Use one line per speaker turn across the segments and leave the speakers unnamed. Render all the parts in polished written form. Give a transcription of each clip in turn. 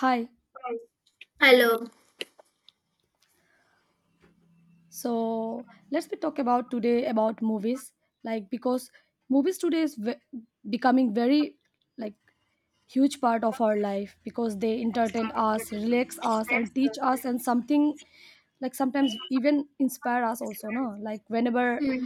Hi.
Hello.
So let's be talk about today about movies, like because movies today is becoming very like huge part of our life because they entertain us, relax us, and teach us, and something like sometimes even inspire us also. No, like whenever
Hmm.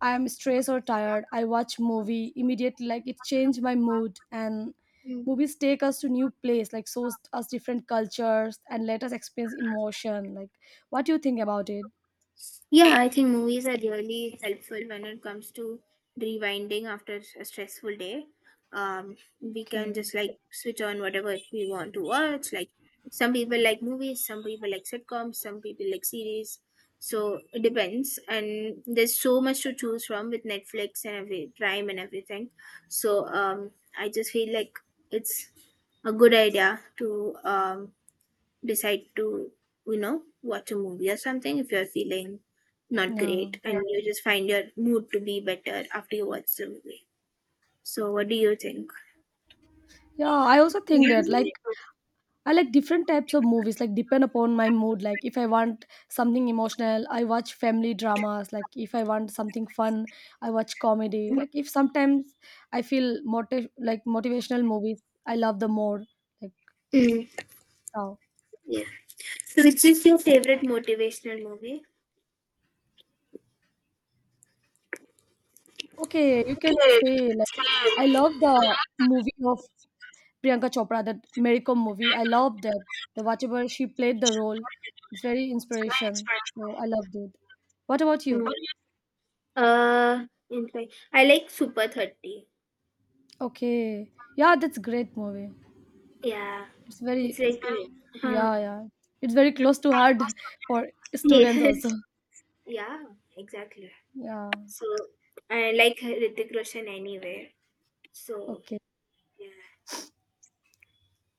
I am stressed or tired, I watch movie immediately. Like it changed my mood and
Hmm.
movies take us to new place like shows us different cultures and let us experience emotion like what do you think about it?
Yeah, I think movies are really helpful when it comes to rewinding after a stressful day. We can
Okay.
just like switch on whatever we want to watch. Like some people like movies, some people like sitcoms, some people like series. So it depends, and there's so much to choose from with Netflix and every Prime and everything. So I just feel like it's a good idea to decide to watch a movie or something if you're feeling not
Yeah.
great. Yeah, and you just find your mood to be better after you watch the movie. So what do you think?
Yeah, I also think that like I like different types of movies, like depend upon my mood. Like if I want something emotional, I watch family dramas. Like if I want something fun, I watch comedy. Like if sometimes I feel motiv like motivational movies, I love the more. Like
Mm.
so.
Yeah. So which is your favorite motivational movie?
Okay, you can say like I love the movie of Priyanka Chopra, that Mary Kom movie. I loved that. The whatever she played the role, it's very inspiration. So I loved it. What about you?
Mm. In fact, I like Super 30.
Okay, yeah, that's great movie.
Yeah,
It's
it's
very
like. Hmm.
yeah yeah. It's very close to heart for students
Yes.
also.
Yeah, exactly.
Yeah.
So I like Hrithik Roshan anyway. So
Okay.
yeah.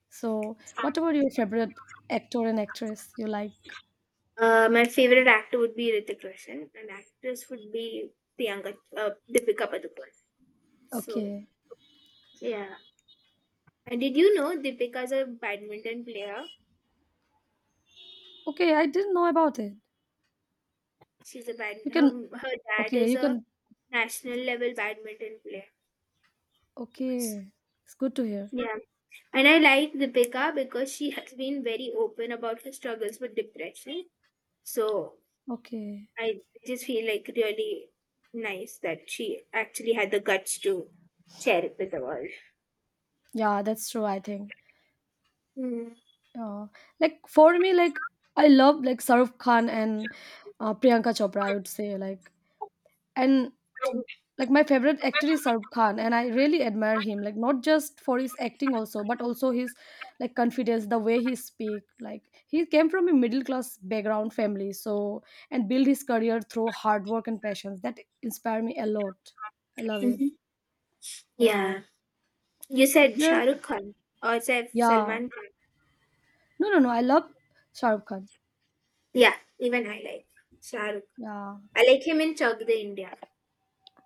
So what about your favorite actor and actress you like?
My favorite actor would be Ritik Roshan, and actress would be Priyanka, Deepika Padukone. So
Okay.
yeah. And did you know Deepika is a badminton player?
Okay, I didn't know about it.
She's a bad.
You
Her
can
her dad
okay,
is
you
a
can
national level badminton player.
okay. It's good to hear.
Yeah, and I like Deepika because she has been very open about her struggles with depression. So
Okay.
I just feel like really nice that she actually had the guts to share it with the world.
Yeah, that's true, I think.
Mm.
Uh, like for me, like I love like Saruf Khan and Priyanka Chopra. I would say like and like my favorite actor is Saruf Khan, and I really admire him. Like not just for his acting also, but also his like confidence, the way he speak. Like he came from a middle class background family, so and build his career through hard work and passions. That inspire me a lot. I love it.
Mhm.
Yeah.
Yeah. You said Shah
There.
Rukh Khan, or it's
Yeah.
Salman Khan?
No, no, no. I love Shahrukh Khan.
Yeah, even I like Shah Rukh.
Yeah.
I like him in Chak De India.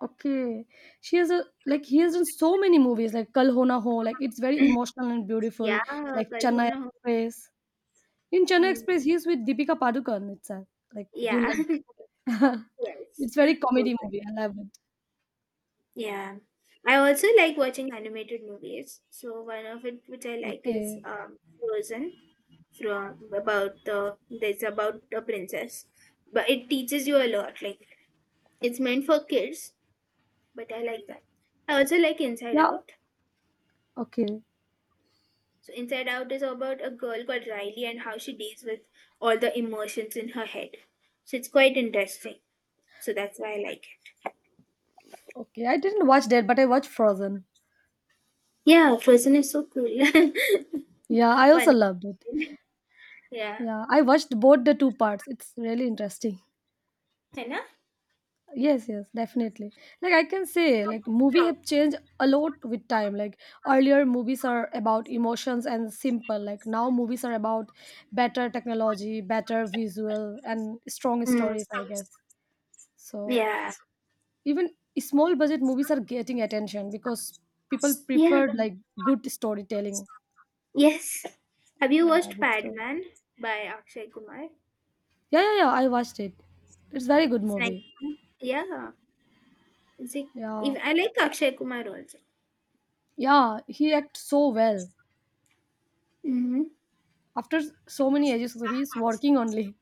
Okay. She has a like he has done so many movies like Kal Ho Na Ho, like it's very emotional and beautiful,
Yeah,
like
Kal Ho
Chennai
Na Ho.
Express. In Chennai
Hmm.
Express, he's with Deepika Padukone. It's a, like you
Yeah,
like
yes,
it's very
both
comedy
of
movie.
them.
I love it.
Yeah, I also like watching animated movies. So one of it which I like is
Okay.
Frozen. From about the there's about a princess, but it teaches you a lot. Like it's meant for kids, but I like that. I also like Inside
Yeah.
Out.
Okay.
So Inside Out is about a girl called Riley and how she deals with all the emotions in her head. So it's quite interesting. So that's why I like it.
Okay, I didn't watch that, but I watched Frozen.
Yeah, Frozen is so cool.
Yeah, I also
Funny.
loved it.
Yeah.
Yeah, I watched both the two parts. It's really interesting.
Henna?
Yes, yes, definitely. Like I can say, like movie have changed a lot with time. Like earlier movies are about emotions and simple. Like now movies are about better technology, better visual and strong
Mm,
stories, I guess. So
yeah.
even small budget movies are getting attention because people
Yeah.
preferred like good storytelling.
Yes. Have you
Yeah,
watched
that's true.
Padman by Akshay Kumar?
Yeah, yeah, yeah. I watched it. It's very good
It's nice.
movie.
Huh? Yeah. It's like,
Yeah.
if, I like Akshay Kumar also.
Yeah, he acts so well.
Mm-hmm.
After so many ages so he's working only,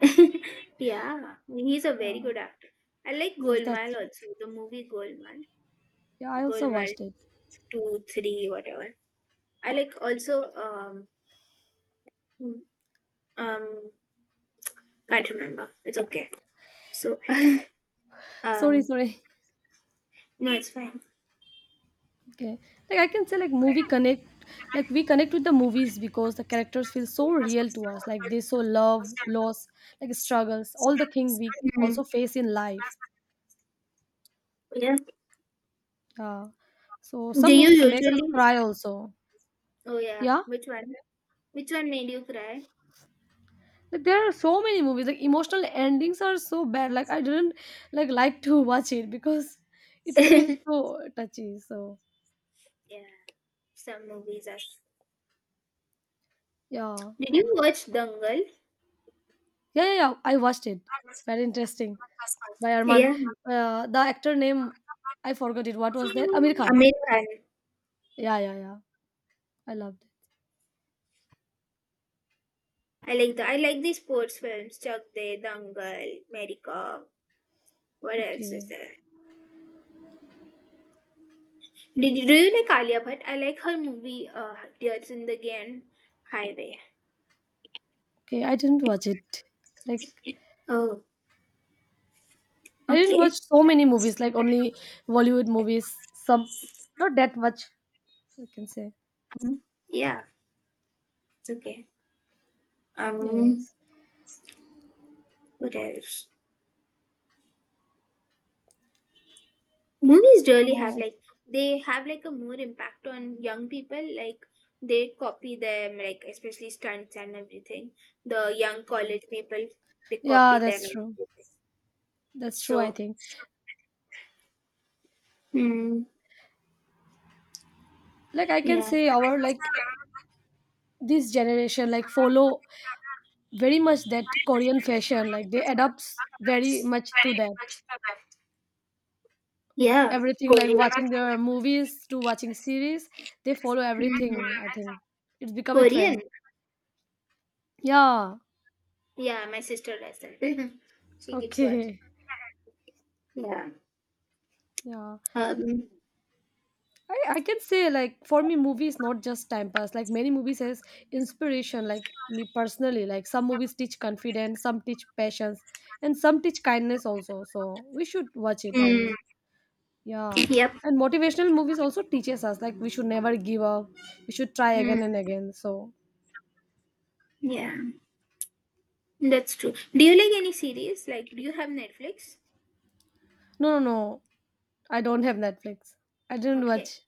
Yeah. He's a very
yeah.
good actor. I like
Yes,
Golmaal
that's,
also, the movie Golmaal.
yeah, I
Gold
also
Goldmart
watched it.
two, three, whatever. I like also um can't remember. It's okay. So
Sorry,
um
sorry.
no, it's fine.
Okay, like I can say like movie connect, like we connect with the movies because the characters feel so real to us, like they show love, loss, like struggles, all the thing we
Mm.
also face in life.
Yeah.
Yeah, so
Do
some
you
movies make us
usually?
cry also.
Oh yeah.
Yeah,
Which one? Which one made you cry?
like there are so many movies like emotional endings are so bad like I didn't like to watch it because it feels
Yeah.
so touchy so.
Some movies are.
Yeah.
Did you watch Dangal?
Yeah, yeah, yeah. I watched it. Very interesting. By Arman.
Yeah.
The actor name, I forgot it. What was that? Amir Khan.
Amir Khan.
Yeah, yeah, yeah. I loved
I like the sports films, Chak De, Dangal, Mary Kom. What
it.
else is
Okay.
there? Do you like Alia Bhatt? I like her movie, Dear Zindagi and Highway.
Okay, I didn't watch it. Like,
Oh,
I didn't watch
okay.
so many movies, like only Bollywood movies. Some, not that much, I can say.
Um, yeah, it's okay. Um,
Yes.
what else? Movies really have
So,
like they have like a more impact on young people. Like they copy them, like especially stunts and everything. The young college people they
yeah,
copy them.
that's true. That's true, I
So.
think.
Hmm.
Like, I can
Yeah.
say our, like, this generation, like, follow very much that Korean fashion. Like they adapts very much to that.
Yeah.
Everything like
Korean.
watching their movies to watching series, they follow
Hmm.
everything. I think it's become a
Korean.
trend. Yeah.
Yeah, my sister does that. She keeps watching.
Okay.
Yeah.
Yeah.
Um.
I can say like for me movie is not just time pass. Like many movies has inspiration, like me personally. Like some movies teach confidence, some teach patience, and some teach kindness also. So we should watch it
Mm.
and yeah,
Yep.
and motivational movies also teaches us like we should never give up. We should try
Mm.
again and again. So
Yeah, that's true. Do you like any series? Like, do you have Netflix?
no, no, no. I don't have Netflix. I didn't
Okay.
watch.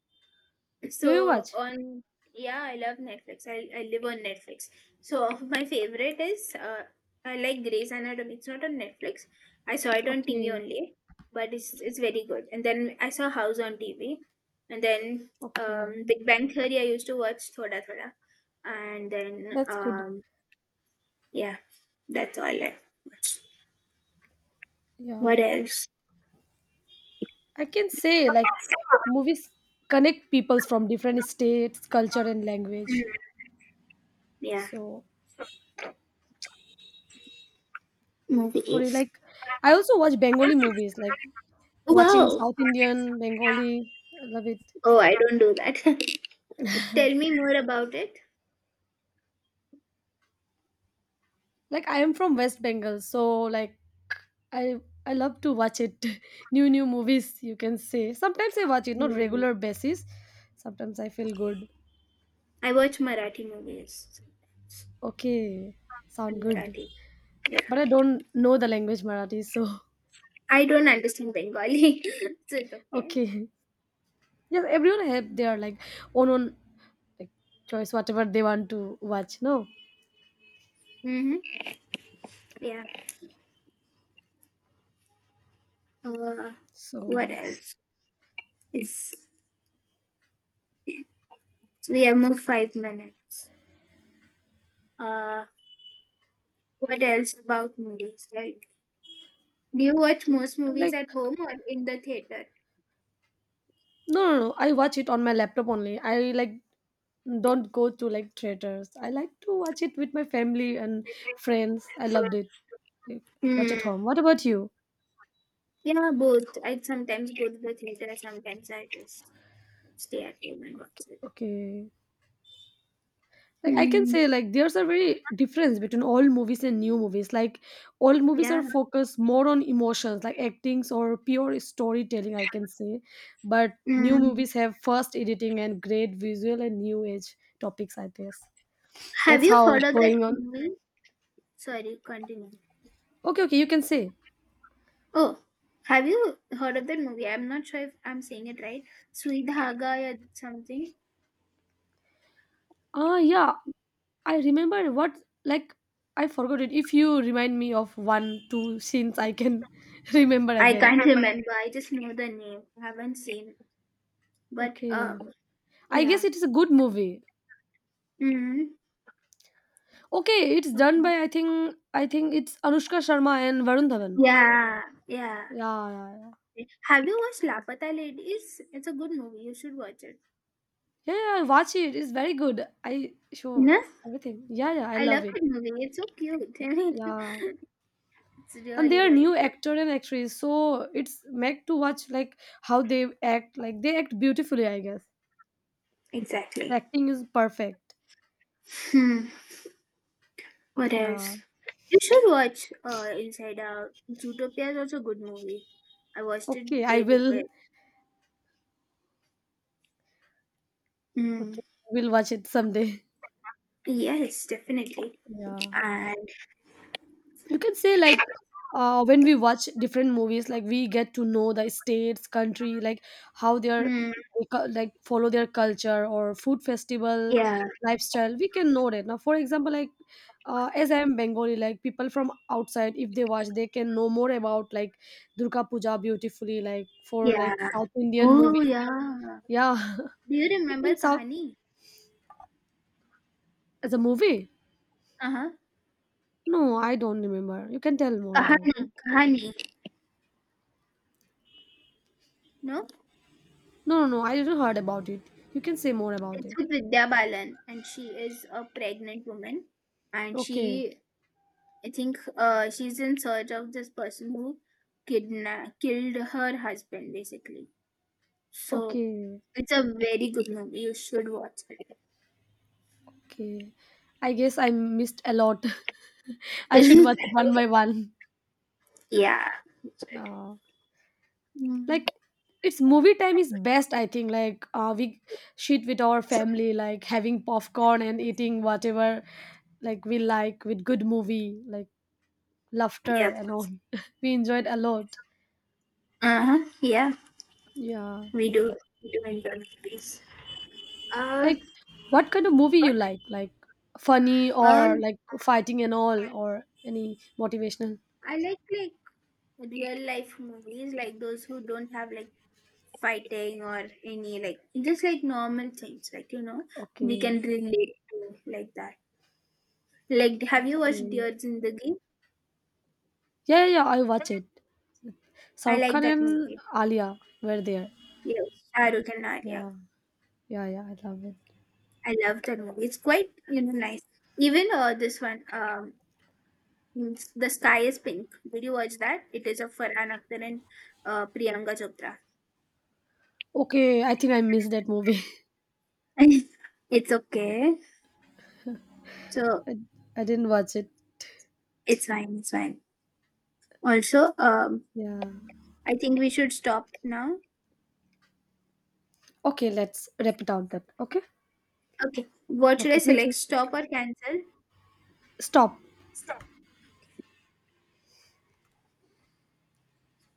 Do you
So
watch?
on yeah, I love Netflix. I live on Netflix. So my favorite is I like Grey's Anatomy. It's not on Netflix. I saw it on TV
Okay,
only, but it's very good. And then I saw House on TV, and then
okay,
Big Bang Theory. I used to watch Thoda Thoda, and then
that's good.
yeah, that's all I watch.
Yeah,
What else?
I can say like movies connect peoples from different states, culture, and
Hmm,
language.
yeah,
So sorry,
movies.
like I also watch Bengali movies, like watching
Wow.
South Indian Bengali. I love it.
Oh, I don't do that. Tell me more about it.
Like I am from West Bengal, so like i I love to watch it new new movies, you can say, sometimes I watch it, not
Hmm.
regular basis. Sometimes I feel good.
I watch Marathi movies.
Okay,
I'm
sound good.
Marathi.
But I don't know the language Marathi, so
I don't understand Bengali, so it's okay.
okay, yes everyone have their like own own like choice whatever they want to watch, no?
Mm-hmm. Yeah. Uh, what
So
else? It's, we have more 5 minutes. Uh, what else about movies? Like, do you watch most movies
like
at home or in the theater?
no, no, no. I watch it on my laptop only. I like don't go to like theaters. I like to watch it with my family and friends. I loved it. Like, watch
Hmm.
at home. What about you?
Yeah, both. I sometimes go to the theater. Sometimes I just stay at home and watch it.
Okay. Like I can
Hmm.
say like there's a very difference between old movies and new movies. Like old movies are
Yeah.
focused more on emotions, like actings or pure storytelling, I can say. But new
Hmm.
movies have fast editing and great visual and new age topics, I guess.
Have
That's
you
how
heard
it's
of that
going on.
movie? Sorry, continue.
Okay, okay, you can say.
Oh, have you heard of that movie? I'm not sure if I'm saying it right. Sweet Haga or something.
Ah, yeah. I remember what like I forgot it. If you remind me of one, two scenes, I can remember
I
again.
can't remember. I just know the name. I haven't seen. But
Okay. I guess
yeah.
it is a good movie.
Mm-hmm.
Okay, it's done by I think it's Anushka Sharma and Varun Dhawan.
Yeah, yeah.
Yeah, yeah, yeah.
Have you watched Lapata Ladies? It's a good movie. You should watch it.
Yeah, yeah, watch it. It's very good. I show
No?
everything. Yeah, yeah, I
I
love
love
it.
that movie. It's so cute. It's
Yeah. And they
really,
are
really
new
cute.
actor and actress, so it's make to watch like how they act. Like they act beautifully, I guess. The
Exactly.
acting is perfect.
Hmm. What
Yeah.
else? You should watch Inside Out. Zootopia is also a good movie. I watched it
Okay, I
day before.
will.
Yes. Mm.
Okay, I will watch it someday.
Yes, definitely.
Yeah.
And
You can say like when we watch different movies, like we get to know the states, country, like how they're
mm,
they like follow their culture or food festival
yeah,
lifestyle. We can know that. Now, for example, like as I am Bengali, like people from outside, if they watch, they can know more about like Durga Puja beautifully, like for like
yeah.
South Indian
Oh
movies.
yeah.
Yeah.
Do you remember
In South
Kahani?
as a movie.
Uh huh.
No, I don't remember. You can tell more about
Kahani,
it.
Kahani. No,
No, no, no, I didn't heard about it. You can say more about it.
it's with Vidya Balan, and she is a pregnant woman, and
Okay.
she, I think, she's in search of this person who kidnapped, killed her husband, basically. So
Okay,
it's a very good movie. You should watch it.
okay. I guess I missed a lot. I should watch it one by one.
Yeah.
Uh,
Hmm.
like it's movie time is best. I think like we shit with our family, like having popcorn and eating whatever like we like with good movie, like laughter
Yep.
and all. We enjoyed a lot.
Uh huh. Yeah.
Yeah.
We do. We do enjoy movies. Uh,
Like, what kind of movie you like? Like funny
uh,
or like fighting and all, or any motivational?
I like real life movies, like those who don't have like fighting or any like just like normal things, like we can
Okay.
relate to like that. Like, have you watched
Okay.
Dear Zindagi?
Yeah, yeah, yeah, I watch it.
I
Shahrukh
like
Khan
that
and
movie.
Alia were there.
Yes, Shah Rukh and Arya.
Yeah, yeah, yeah. I love it.
I love that movie. It's quite nice. Even this one, it's The Sky is Pink. Did you watch that? It is of Farhan Akhtar and Priyanka Chopra.
Okay, I think I missed that movie.
It's okay. So
I, I didn't watch it.
it's fine. It's fine. Also,
Yeah.
I think we should stop now.
Okay, let's wrap it out. Then. Okay.
Okay. What should I
Okay. Thank you.
select? Stop or cancel?
Stop.